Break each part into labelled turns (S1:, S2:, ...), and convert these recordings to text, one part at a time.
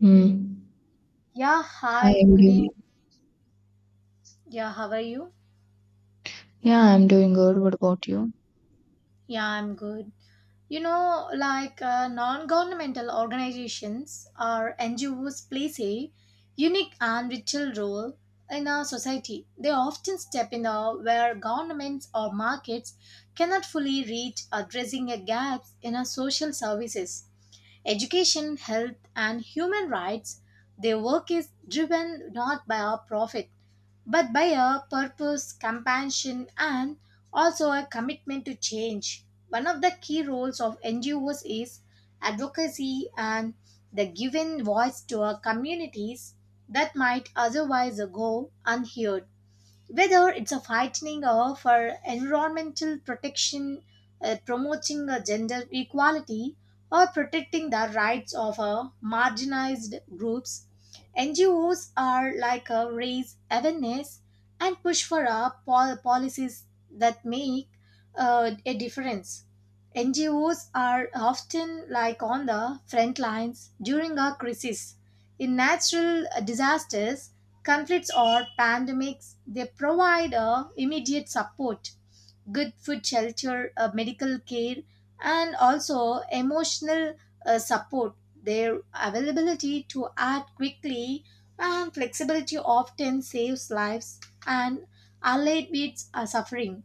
S1: Mm.
S2: Yeah, hi,
S1: Hi, good
S2: good evening.
S1: evening.
S2: Yeah, how are you?
S1: Yeah, I'm doing good. What about you?
S2: Yeah, I'm good. Non governmental organizations or NGOs plays a unique and vital role in our society. They often step in where governments or markets cannot fully reach, addressing a gaps in our social services, education, health, and human rights. Their work is driven not by a profit but by a purpose, compassion, and also a commitment to change. One of the key roles of NGOs is advocacy and the giving voice to our communities that might otherwise go unheard, whether it's a fighting or for environmental protection, promoting gender equality, or protecting the rights of marginalized groups. NGOs are like a raise awareness and push for policies that make a difference. NGOs are often like on the front lines during a crisis. In natural disasters, conflicts or pandemics, they provide immediate support, good food, shelter, medical care, and also emotional support. Their availability to act quickly and flexibility often saves lives and alleviates suffering.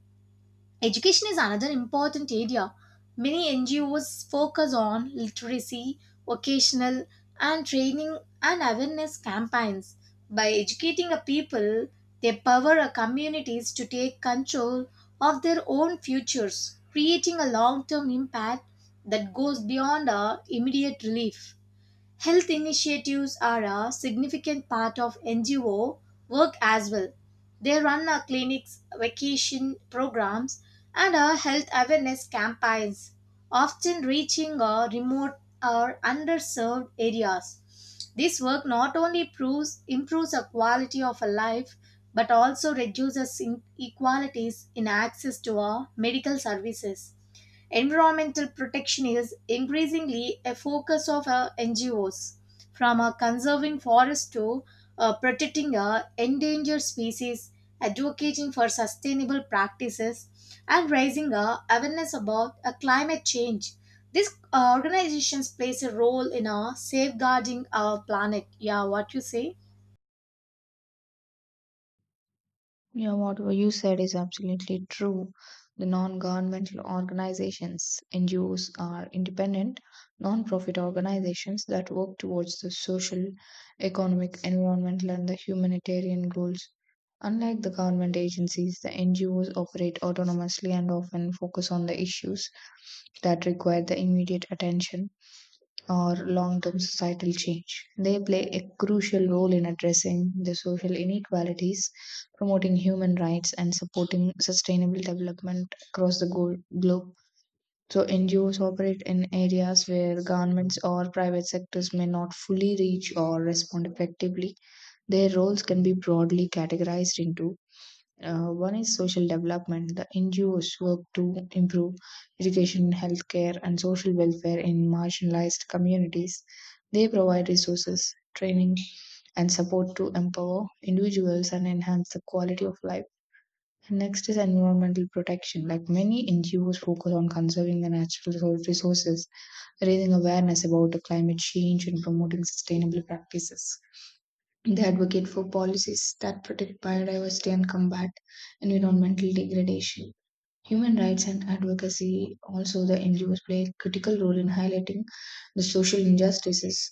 S2: Education is another important area. Many NGOs focus on literacy, vocational, and training and awareness campaigns. By educating a people, they power a communities to take control of their own futures, creating a long term impact that goes beyond our immediate relief. Health initiatives are a significant part of NGO work as well. They run clinics, vacation programs, and health awareness campaigns, often reaching remote or underserved areas. This work not only proves, improves the quality of a life but also reduces inequalities in access to our medical services. Environmental protection is increasingly a focus of our NGOs, from conserving forests to protecting endangered species, advocating for sustainable practices, and raising awareness about climate change. These organizations plays a role in safeguarding our planet. Yeah, what you say?
S1: Yeah, what you said is absolutely true. The non-governmental organizations, NGOs, are independent, non-profit organizations that work towards the social, economic, environmental, and the humanitarian goals. Unlike the government agencies, the NGOs operate autonomously and often focus on the issues that require the immediate attention or long-term societal change. They play a crucial role in addressing the social inequalities, promoting human rights, and supporting sustainable development across the globe. So, NGOs operate in areas where governments or private sectors may not fully reach or respond effectively. Their roles can be broadly categorized into one is social development. The NGOs work to improve education, healthcare, and social welfare in marginalized communities. They provide resources, training, and support to empower individuals and enhance the quality of life. And next is environmental protection. Like many NGOs focus on conserving the natural resources, raising awareness about the climate change, and promoting sustainable practices. They advocate for policies that protect biodiversity and combat environmental degradation. Human rights and advocacy also, the NGOs play a critical role in highlighting the social injustices,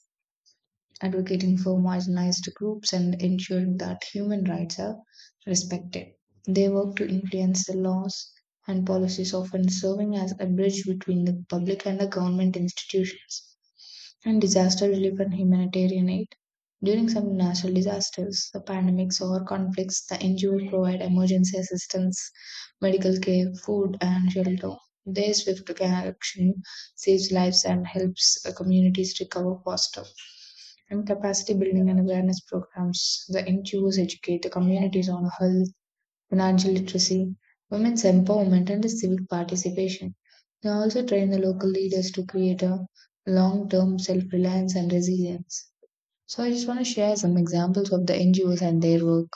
S1: advocating for marginalized groups, and ensuring that human rights are respected. They work to influence the laws and policies, often serving as a bridge between the public and the government institutions and disaster relief and humanitarian aid. During some natural disasters, the pandemics or conflicts, the NGOs provide emergency assistance, medical care, food, and shelter. Their swift action saves lives and helps communities recover faster and capacity building and awareness programs. The NGOs educate the communities on health, financial literacy, women's empowerment, and civic participation. They also train the local leaders to create a long term self reliance and resilience. So, I just want to share some examples of the NGOs and their work.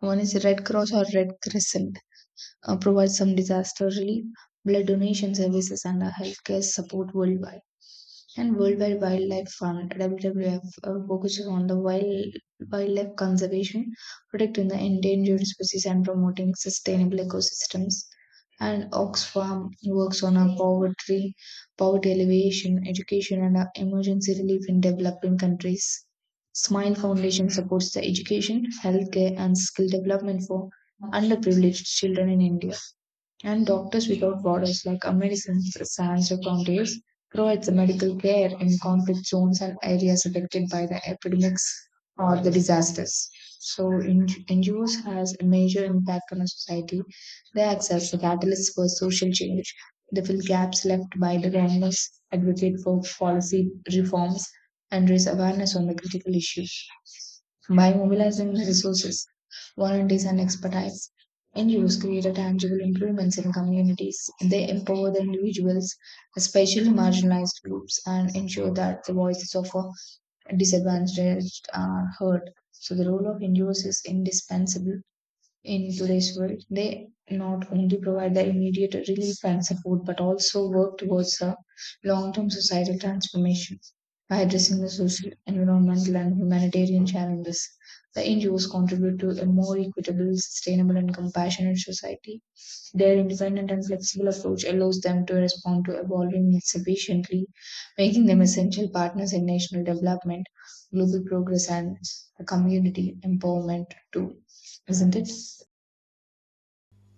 S1: One is Red Cross or Red Crescent provides some disaster relief, blood donation services, and healthcare support worldwide. And Worldwide Wildlife Fund (WWF) focuses on the wildlife conservation, protecting the endangered species, and promoting sustainable ecosystems. And Oxfam works on a poverty alleviation, education, and emergency relief in developing countries. Smile Foundation supports the education, healthcare, and skill development for underprivileged children in India. And Doctors Without Borders, like Americans Sans or Frontiers, provides the medical care in conflict zones and areas affected by the epidemics or the disasters. So in, NGOs has a major impact on a society. They act as the catalyst for social change. They fill gaps left by the governments, advocate for policy reforms, and raise awareness on the critical issues. By mobilizing the resources, volunteers, and expertise, NGOs create a tangible improvements in communities. They empower the individuals, especially marginalized groups, and ensure that the voices of disadvantaged are heard. So the role of NGOs is indispensable in today's world. They not only provide the immediate relief and support, but also work towards a long-term societal transformation by addressing the social, environmental, and humanitarian challenges. The NGOs contribute to a more equitable, sustainable, and compassionate society. Their independent and flexible approach allows them to respond to evolving needs efficiently, making them essential partners in national development, global progress, and community empowerment, too. Isn't it?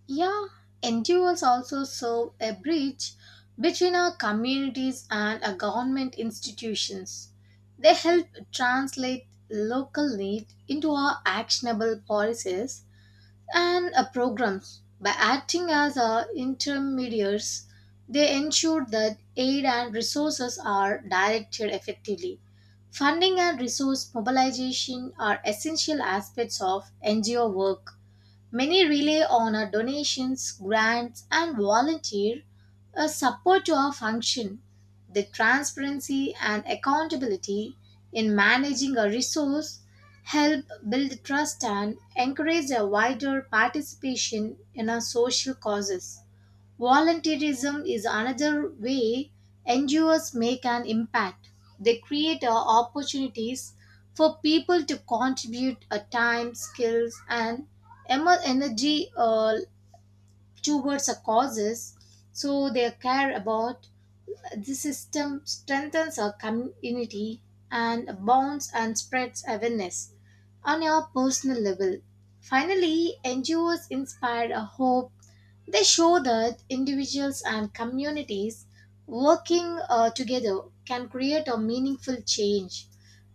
S2: Yeah, NGOs also serve a bridge between our communities and our government institutions. They help translate local need into our actionable policies and programs. By acting as our intermediaries, they ensure that aid and resources are directed effectively. Funding and resource mobilization are essential aspects of NGO work. Many rely on our donations, grants, and volunteer support to our function. The transparency and accountability in managing a resource help build trust and encourage a wider participation in our social causes. Volunteerism is another way NGOs make an impact. They create opportunities for people to contribute a time, skills, and energy towards a causes so they care about. The system strengthens our community and bonds and spreads awareness on your personal level. Finally, NGOs inspire a hope. They show that individuals and communities working together can create a meaningful change.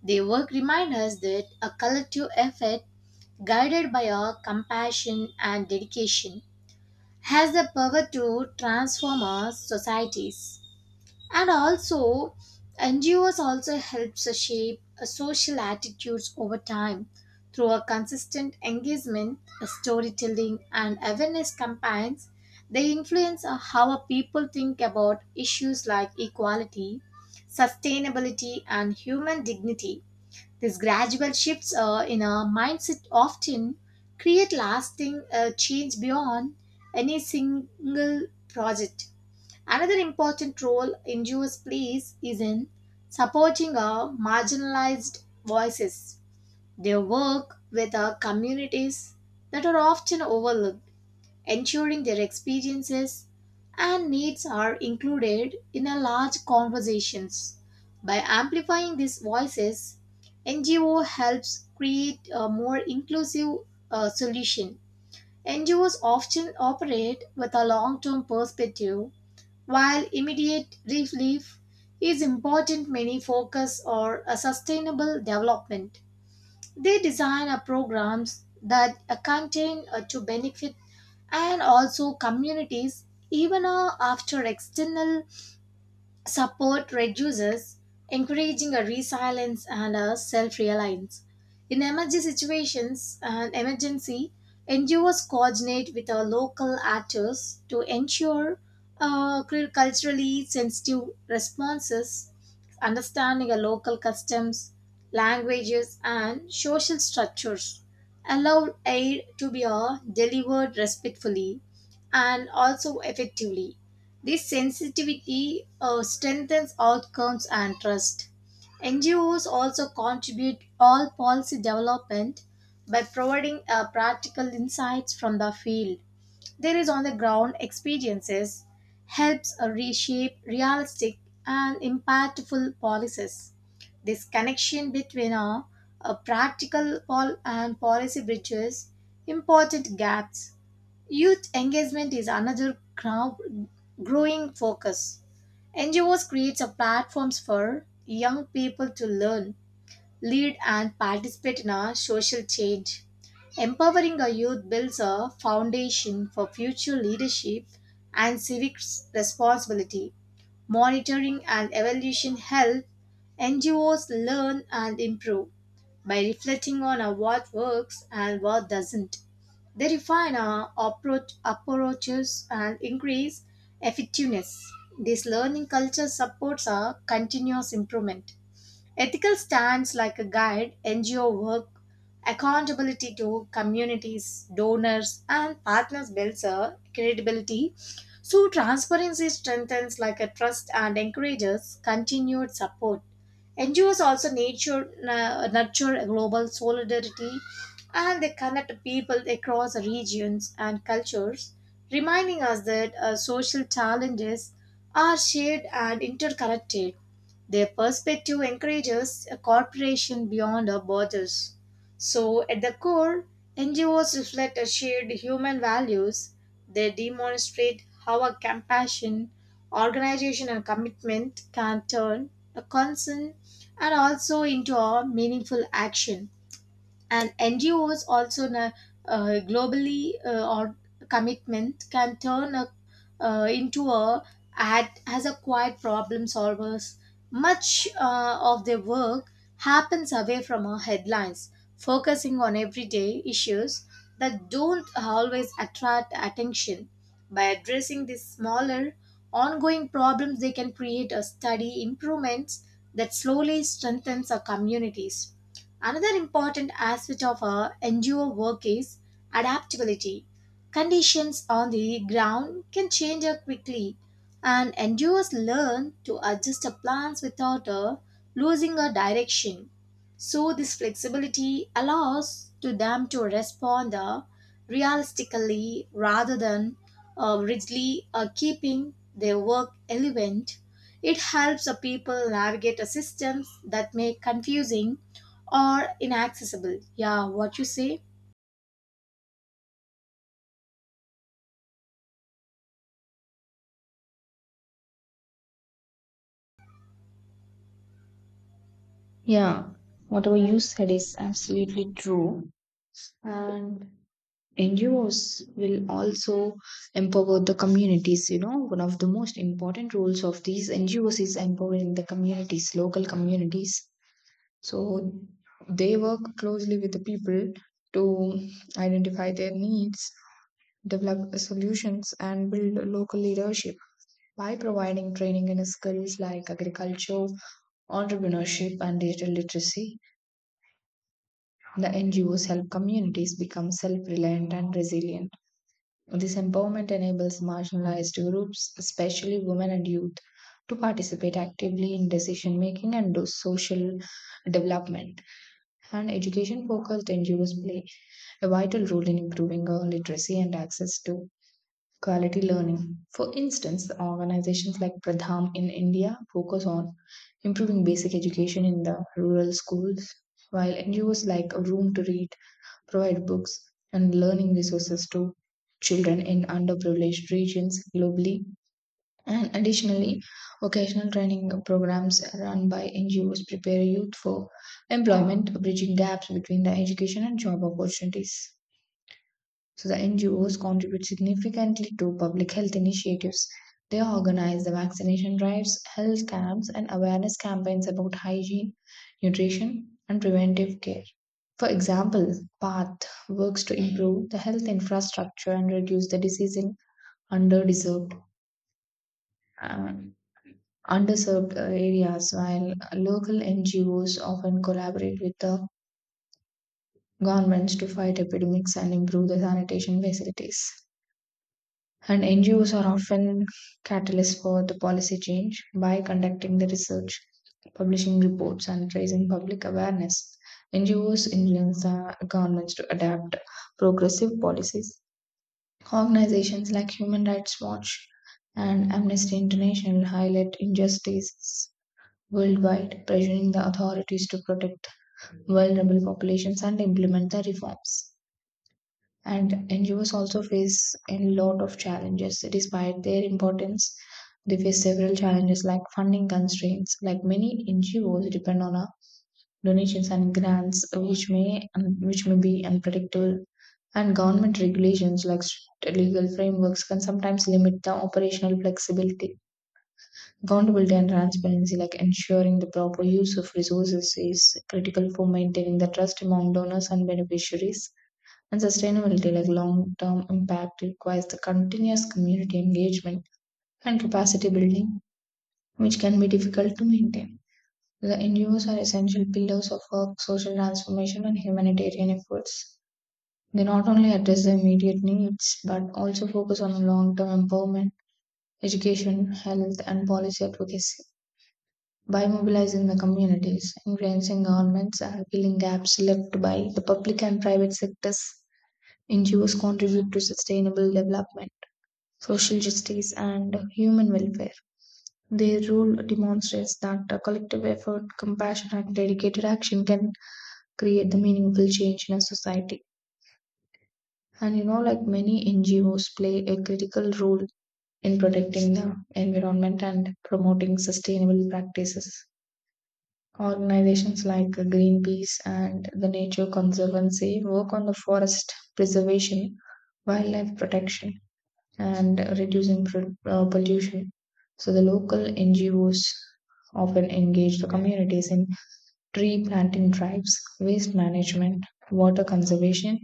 S2: Their work reminds us that a collective effort guided by our compassion and dedication has the power to transform our societies. And also, NGOs also helps us shape a social attitudes over time through a consistent engagement, a storytelling, and awareness campaigns. They influence how our people think about issues like equality, sustainability, and human dignity. These gradual shifts in our mindset often create lasting change beyond any single project. Another important role NGOs plays is in supporting our marginalized voices. They work with our communities that are often overlooked, ensuring their experiences and needs are included in a large conversations. By amplifying these voices, NGO helps create a more inclusive solution. NGOs often operate with a long-term perspective. While immediate relief is important, many focus on a sustainable development. They design a programs that contain to benefit and also communities even after external support reduces, encouraging a resilience and a self-reliance. In emergency situations and emergency, NGOs coordinate with our local actors to ensure culturally sensitive responses, understanding our local customs, languages, and social structures. Allow aid to be delivered respectfully and also effectively. This sensitivity strengthens outcomes and trust. NGOs also contribute all policy development by providing practical insights from the field. There is on the ground experiences helps reshape realistic and impactful policies. This connection between practical and policy bridges important gaps. Youth engagement is another growing focus. NGOs creates a platforms for young people to learn, lead and participate in a social change. Empowering a youth builds a foundation for future leadership and civic responsibility. Monitoring and evaluation help NGOs learn and improve by reflecting on what works and what doesn't. They refine our approaches and increase effectiveness. This learning culture supports our continuous improvement. Ethical stands like a guide, NGO work, accountability to communities, donors, and partners builds a credibility. So, transparency strengthens like a trust and encourages continued support. NGOs also nurture a global solidarity and they connect people across regions and cultures, reminding us that social challenges are shared and interconnected. Their perspective encourages a cooperation beyond our borders. So, at the core, NGOs reflect a shared human values. They demonstrate how a compassion, organization, and commitment can turn a concern and also into a meaningful action. And NGOs also globally or commitment can turn a, into a ad as a quiet problem solvers. Much of their work happens away from our headlines, focusing on everyday issues that don't always attract attention. By addressing these smaller, ongoing problems, they can create a steady improvements that slowly strengthens our communities. Another important aspect of our NGO work is adaptability. Conditions on the ground can change quickly, and NGOs learn to adjust their plans without losing a direction. So this flexibility allows to them to respond realistically rather than rigidly, keeping their work relevant. It helps the people navigate a systems that may confusing or inaccessible. Yeah, what you say?
S1: Yeah, whatever you said is absolutely true. And NGOs will also empower the communities. You know, one of the most important roles of these NGOs is empowering the communities, local communities. So they work closely with the people to identify their needs, develop solutions, and build local leadership by providing training in skills like agriculture, entrepreneurship, and digital literacy. The NGOs help communities become self reliant and resilient. This empowerment enables marginalized groups, especially women and youth, to participate actively in decision making and do social development. And education focused NGOs play a vital role in improving girl literacy and access to quality learning. For instance, organizations like Pradham in India focus on improving basic education in the rural schools, while NGOs like Room to Read provide books and learning resources to children in underprivileged regions globally. And additionally, vocational training programs run by NGOs prepare youth for employment, bridging gaps between the education and job opportunities. So, the NGOs contribute significantly to public health initiatives. They organize the vaccination drives, health camps, and awareness campaigns about hygiene, nutrition, and preventive care. For example, PATH works to improve the health infrastructure and reduce the disease in underdeserved, uh, underserved areas, while local NGOs often collaborate with the governments to fight epidemics and improve the sanitation facilities. And NGOs are often catalysts for the policy change by conducting the research, publishing reports, and raising public awareness. NGOs influence the governments to adapt progressive policies. Organizations like Human Rights Watch and Amnesty International highlight injustices worldwide, pressuring the authorities to protect vulnerable populations and implement the reforms and NGOs also face a lot of challenges. Despite their importance, they face several challenges like funding constraints. Like many NGOs depend on a donations and grants, which may be unpredictable, and government regulations like strict legal frameworks can sometimes limit the operational flexibility. Accountability and transparency, like ensuring the proper use of resources, is critical for maintaining the trust among donors and beneficiaries and sustainability, like long term impact, requires the continuous community engagement and capacity building, which can be difficult to maintain. The NGOs are essential pillars of work, social transformation, and humanitarian efforts. They not only address the immediate needs but also focus on long term empowerment, education, health, and policy advocacy. By mobilizing the communities, influencing governments, and filling gaps left by the public and private sectors, NGOs contribute to sustainable development, social justice, and human welfare. Their role demonstrates that a collective effort, compassion, and dedicated action can create the meaningful change in a society. And you know, like many NGOs play a critical role in protecting the environment and promoting sustainable practices. Organizations like Greenpeace and the Nature Conservancy work on the forest preservation, wildlife protection, and reducing pollution. So the local NGOs often engage the communities in tree planting drives, waste management, water conservation,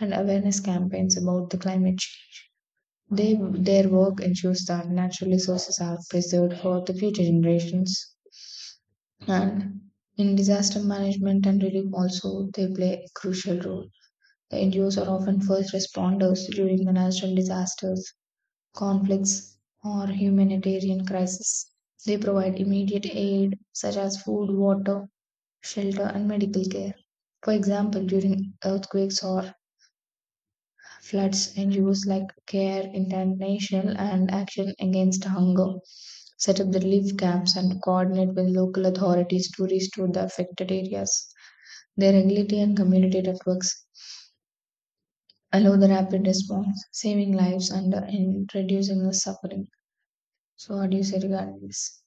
S1: and awareness campaigns about the climate change. Their work ensures that natural resources are preserved for the future generations. And in disaster management and relief also, they play a crucial role. The NGOs are often first responders during the natural disasters conflicts, or humanitarian crises. They provide immediate aid such as food, water, shelter, and medical care. For example, during earthquakes or floods, NGOs like Care International and Action Against Hunger set up the relief camps and coordinate with local authorities to restore the affected areas. Their agility and community networks allow the rapid response, saving lives and reducing the suffering. So, what do you say regarding this?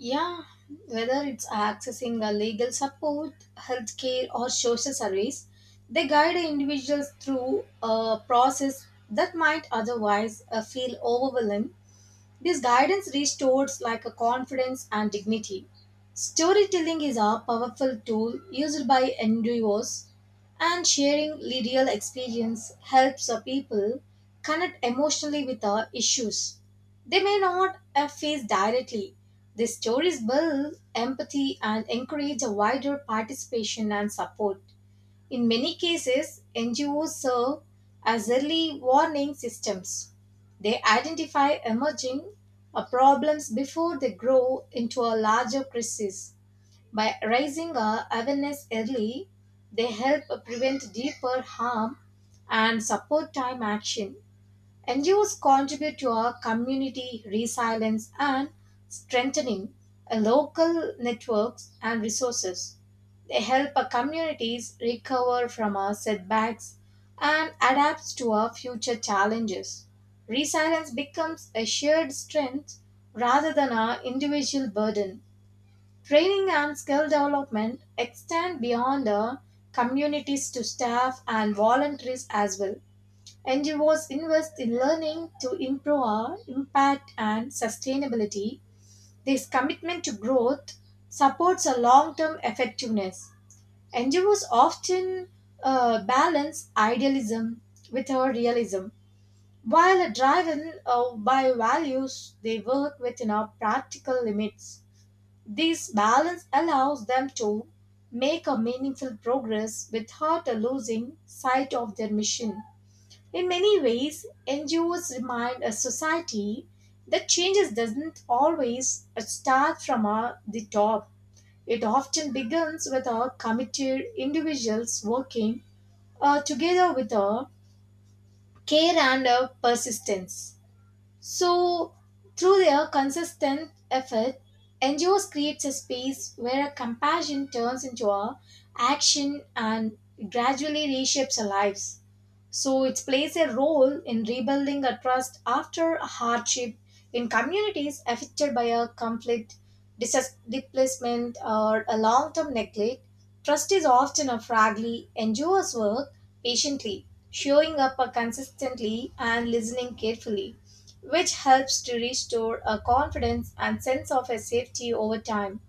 S2: Yeah, whether it's accessing a legal support, healthcare, or social service, they guide individuals through a process that might otherwise feel overwhelming. This guidance restores like a confidence and dignity. Storytelling is a powerful tool used by NGOs, and sharing real experience helps a people connect emotionally with the issues. They may not face directly. These stories build empathy and encourage a wider participation and support. In many cases, NGOs serve as early warning systems. They identify emerging problems before they grow into a larger crisis. By raising awareness early, they help prevent deeper harm and support time action. NGOs contribute to our community resilience and strengthening a local networks and resources. They help our communities recover from our setbacks and adapt to our future challenges. Resilience becomes a shared strength rather than our individual burden. Training and skill development extend beyond our communities to staff and volunteers as well. And you invest in learning to improve our impact and sustainability. This commitment to growth supports a long-term effectiveness. NGOs often balance idealism with our realism. While are driven by values, they work within our practical limits. This balance allows them to make a meaningful progress without losing sight of their mission. In many ways, NGOs remind a society that changes doesn't always start from the top. It often begins with a committed individuals working together with a care and a persistence. So, through their consistent effort, NGOs creates a space where compassion turns into a action and gradually reshapes our lives. So it plays a role in rebuilding a trust after a hardship in communities affected by a conflict, disaster, displacement, or a long-term neglect. Trust is often a fragile, endures work patiently, showing up consistently and listening carefully, which helps to restore a confidence and sense of a safety over time.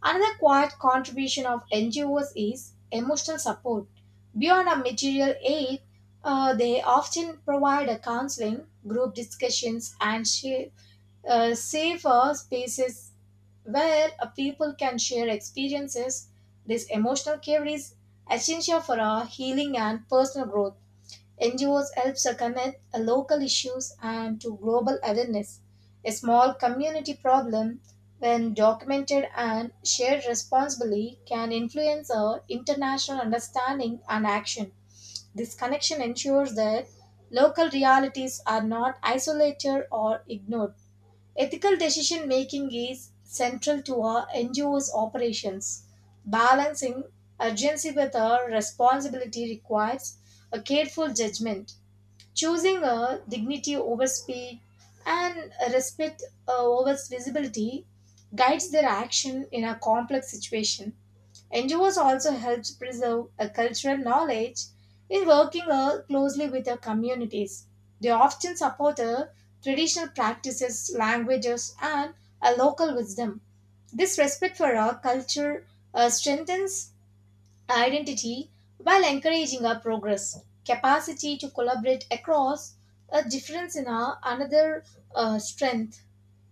S2: Another quiet contribution of NGOs is emotional support. Beyond a material aid, they often provide a counseling, group discussions, and safer spaces where people can share experiences. This emotional care is essential for our healing and personal growth. NGOs helps to connect local issues and to global awareness. A small community problem, when documented and shared responsibly, can influence our international understanding and action. This connection ensures that local realities are not isolated or ignored. Ethical decision making is central to our NGO's operations. Balancing urgency with our responsibility requires a careful judgment, choosing a dignity over speed and a respect over visibility guides their action in a complex situation. NGOs also helps preserve a cultural knowledge in working closely with the communities. They often support traditional practices, languages, and a local wisdom. This respect for our culture strengthens identity while encouraging our progress. Capacity to collaborate across a difference in our another strength.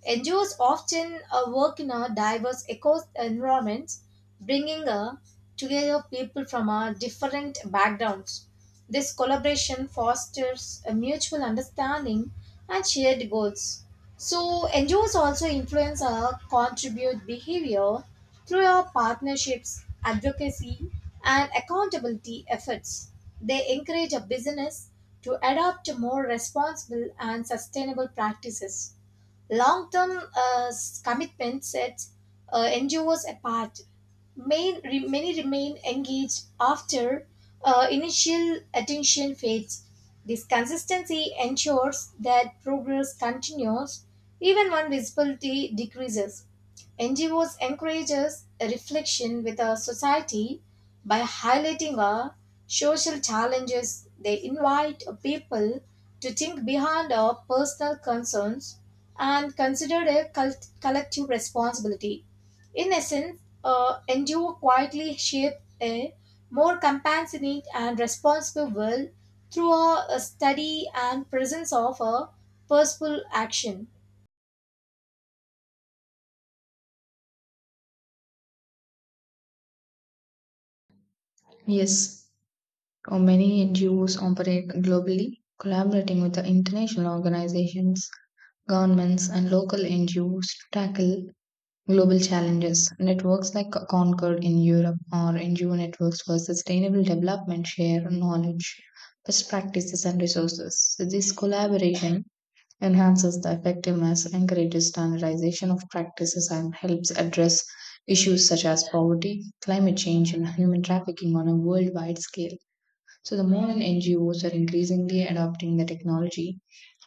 S2: NGOs often work in a diverse eco environments, bringing together people from different backgrounds. This collaboration fosters a mutual understanding and shared goals. So, NGOs also influence or contribute behavior through our partnerships, advocacy, and accountability efforts. They encourage a business to adopt more responsible and sustainable practices. Long-term commitment sets NGOs apart. Many remain engaged after initial attention fades. This consistency ensures that progress continues even when visibility decreases. NGOs encourages a reflection with our society by highlighting our social challenges. They invite people to think beyond our personal concerns and consider their collective responsibility. In essence, NGO quietly shape a more compassionate and responsible world through a study and presence of a purposeful action.
S1: Yes, many NGOs operate globally, collaborating with the international organizations, governments, and local NGOs to tackle global challenges. Networks like Concord in Europe or NGO networks for sustainable development share knowledge, best practices, and resources. So this collaboration enhances the effectiveness, encourages standardization of practices, and helps address issues such as poverty, climate change, and human trafficking on a worldwide scale. So the modern NGOs are increasingly adopting the technology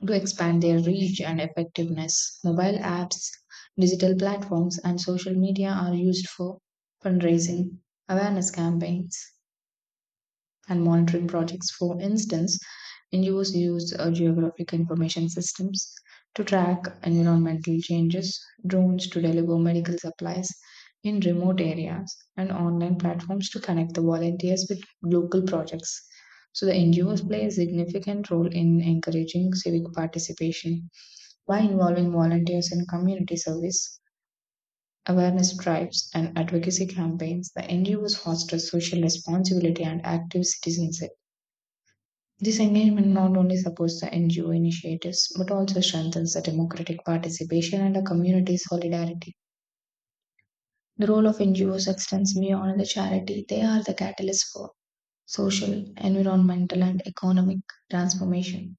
S1: to expand their reach and effectiveness. Mobile apps, digital platforms, and social media are used for fundraising, awareness campaigns, and monitoring projects. For instance, NGOs use geographic information systems to track environmental changes, drones to deliver medical supplies in remote areas, and online platforms to connect the volunteers with local projects. So, the NGOs play a significant role in encouraging civic participation by involving volunteers in community service, awareness drives, and advocacy campaigns. The NGOs foster social responsibility and active citizenship. This engagement not only supports the NGO initiatives but also strengthens the democratic participation and the community solidarity. The role of NGOs extends beyond the charity, they are the catalyst for social, environmental, and economic transformation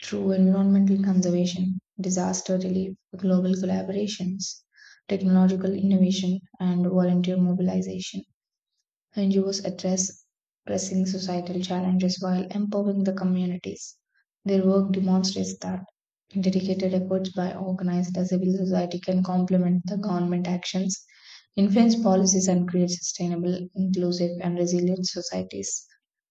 S1: through environmental conservation, disaster relief, global collaborations, technological innovation, and volunteer mobilization. NGOs address pressing societal challenges while empowering the communities. Their work demonstrates that dedicated efforts by organized civil society can complement the government actions, influence policies, and create sustainable, inclusive, and resilient societies.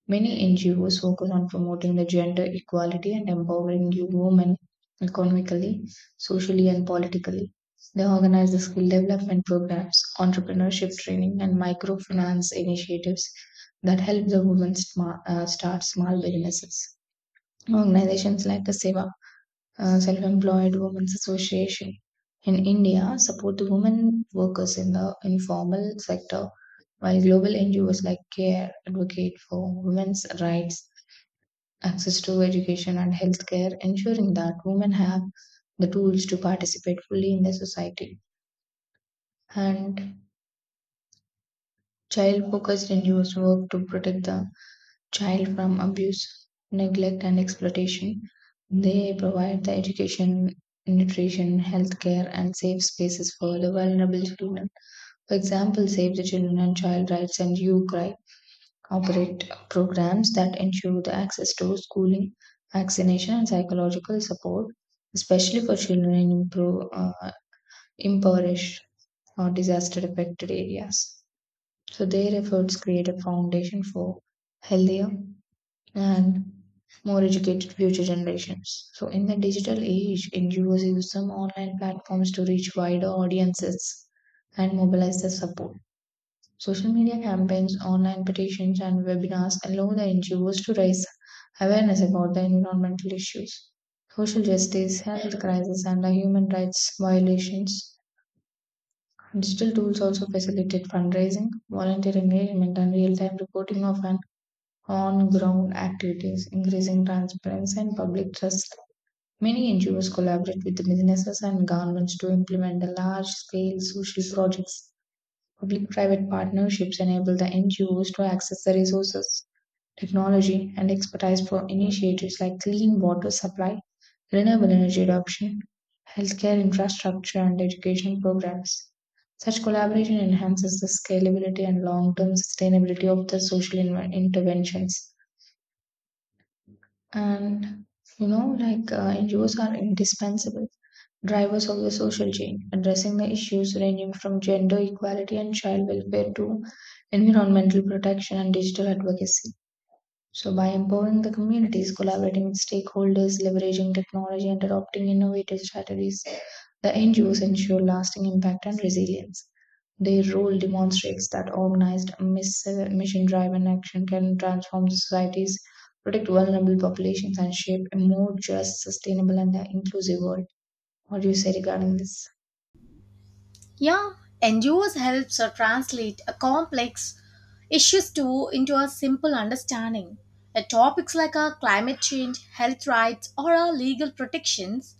S1: Many NGOs focus on promoting the gender equality and empowering women economically, socially, and politically. They organize the skill development programs, entrepreneurship training, and microfinance initiatives that help the women start small businesses. Organizations like the Seva Self-Employed Women's Association in India support the women workers in the informal sector, while global NGOs like CARE advocate for women's rights, access to education and healthcare, ensuring that women have the tools to participate fully in the society. And child-focused NGOs work to protect the child from abuse, neglect, and exploitation. They provide the education, nutrition, healthcare, and safe spaces for the vulnerable children. For example, Save the Children and Child Rights and You Cry operate programs that ensure the access to schooling, vaccination, and psychological support, especially for children in impoverished or disaster affected areas. So, their efforts create a foundation for healthier and more educated future generations. So, in the digital age, NGOs use some online platforms to reach wider audiences and mobilize their support. Social media campaigns, online petitions, and webinars allow the NGOs to raise awareness about the environmental issues, social justice, health crisis, and the human rights violations. Digital tools also facilitate fundraising, volunteer engagement, and real time reporting of an on ground activities, increasing transparency and public trust. Many NGOs collaborate with businesses and governments to implement the large scale social projects. Public private partnerships enable the NGOs to access the resources, technology, and expertise for initiatives like clean water supply, renewable energy adoption, healthcare infrastructure, and education programs. Such collaboration enhances the scalability and long term sustainability of the social interventions. And you know, like NGOs are indispensable drivers of the social change, addressing the issues ranging from gender equality and child welfare to environmental protection and digital advocacy. So, by empowering the communities, collaborating with stakeholders, leveraging technology, and adopting innovative strategies, the NGOs ensure lasting impact and resilience. Their role demonstrates that organized mission driven action can transform societies, protect vulnerable populations, and shape a more just, sustainable, and inclusive world. What do you say regarding this?
S2: Yeah, NGOs helps or translate a complex issues to into a simple understanding. Topics like climate change, health rights, or legal protections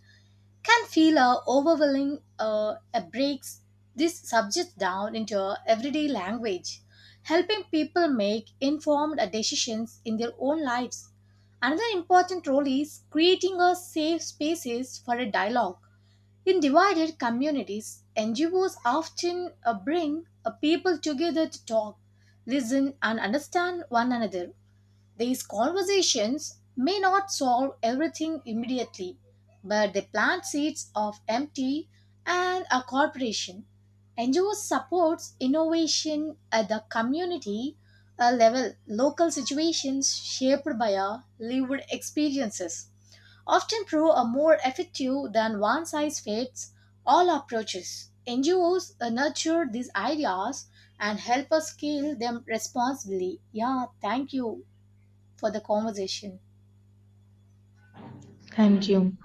S2: can feel overwhelming. Breaks these subjects down into everyday language, helping people make informed decisions in their own lives. Another important role is creating a safe spaces for a dialogue in divided communities. NGOs often bring people together to talk, listen, and understand one another. These conversations may not solve everything immediately, but they plant seeds of empathy and a cooperation. NGOs supports innovation at the community level. Local situations shaped by our lived experiences often prove a more effective than one size fits all approaches. NGOs nurture these ideas and help us scale them responsibly. Yeah, thank you for the conversation.
S1: Thank you.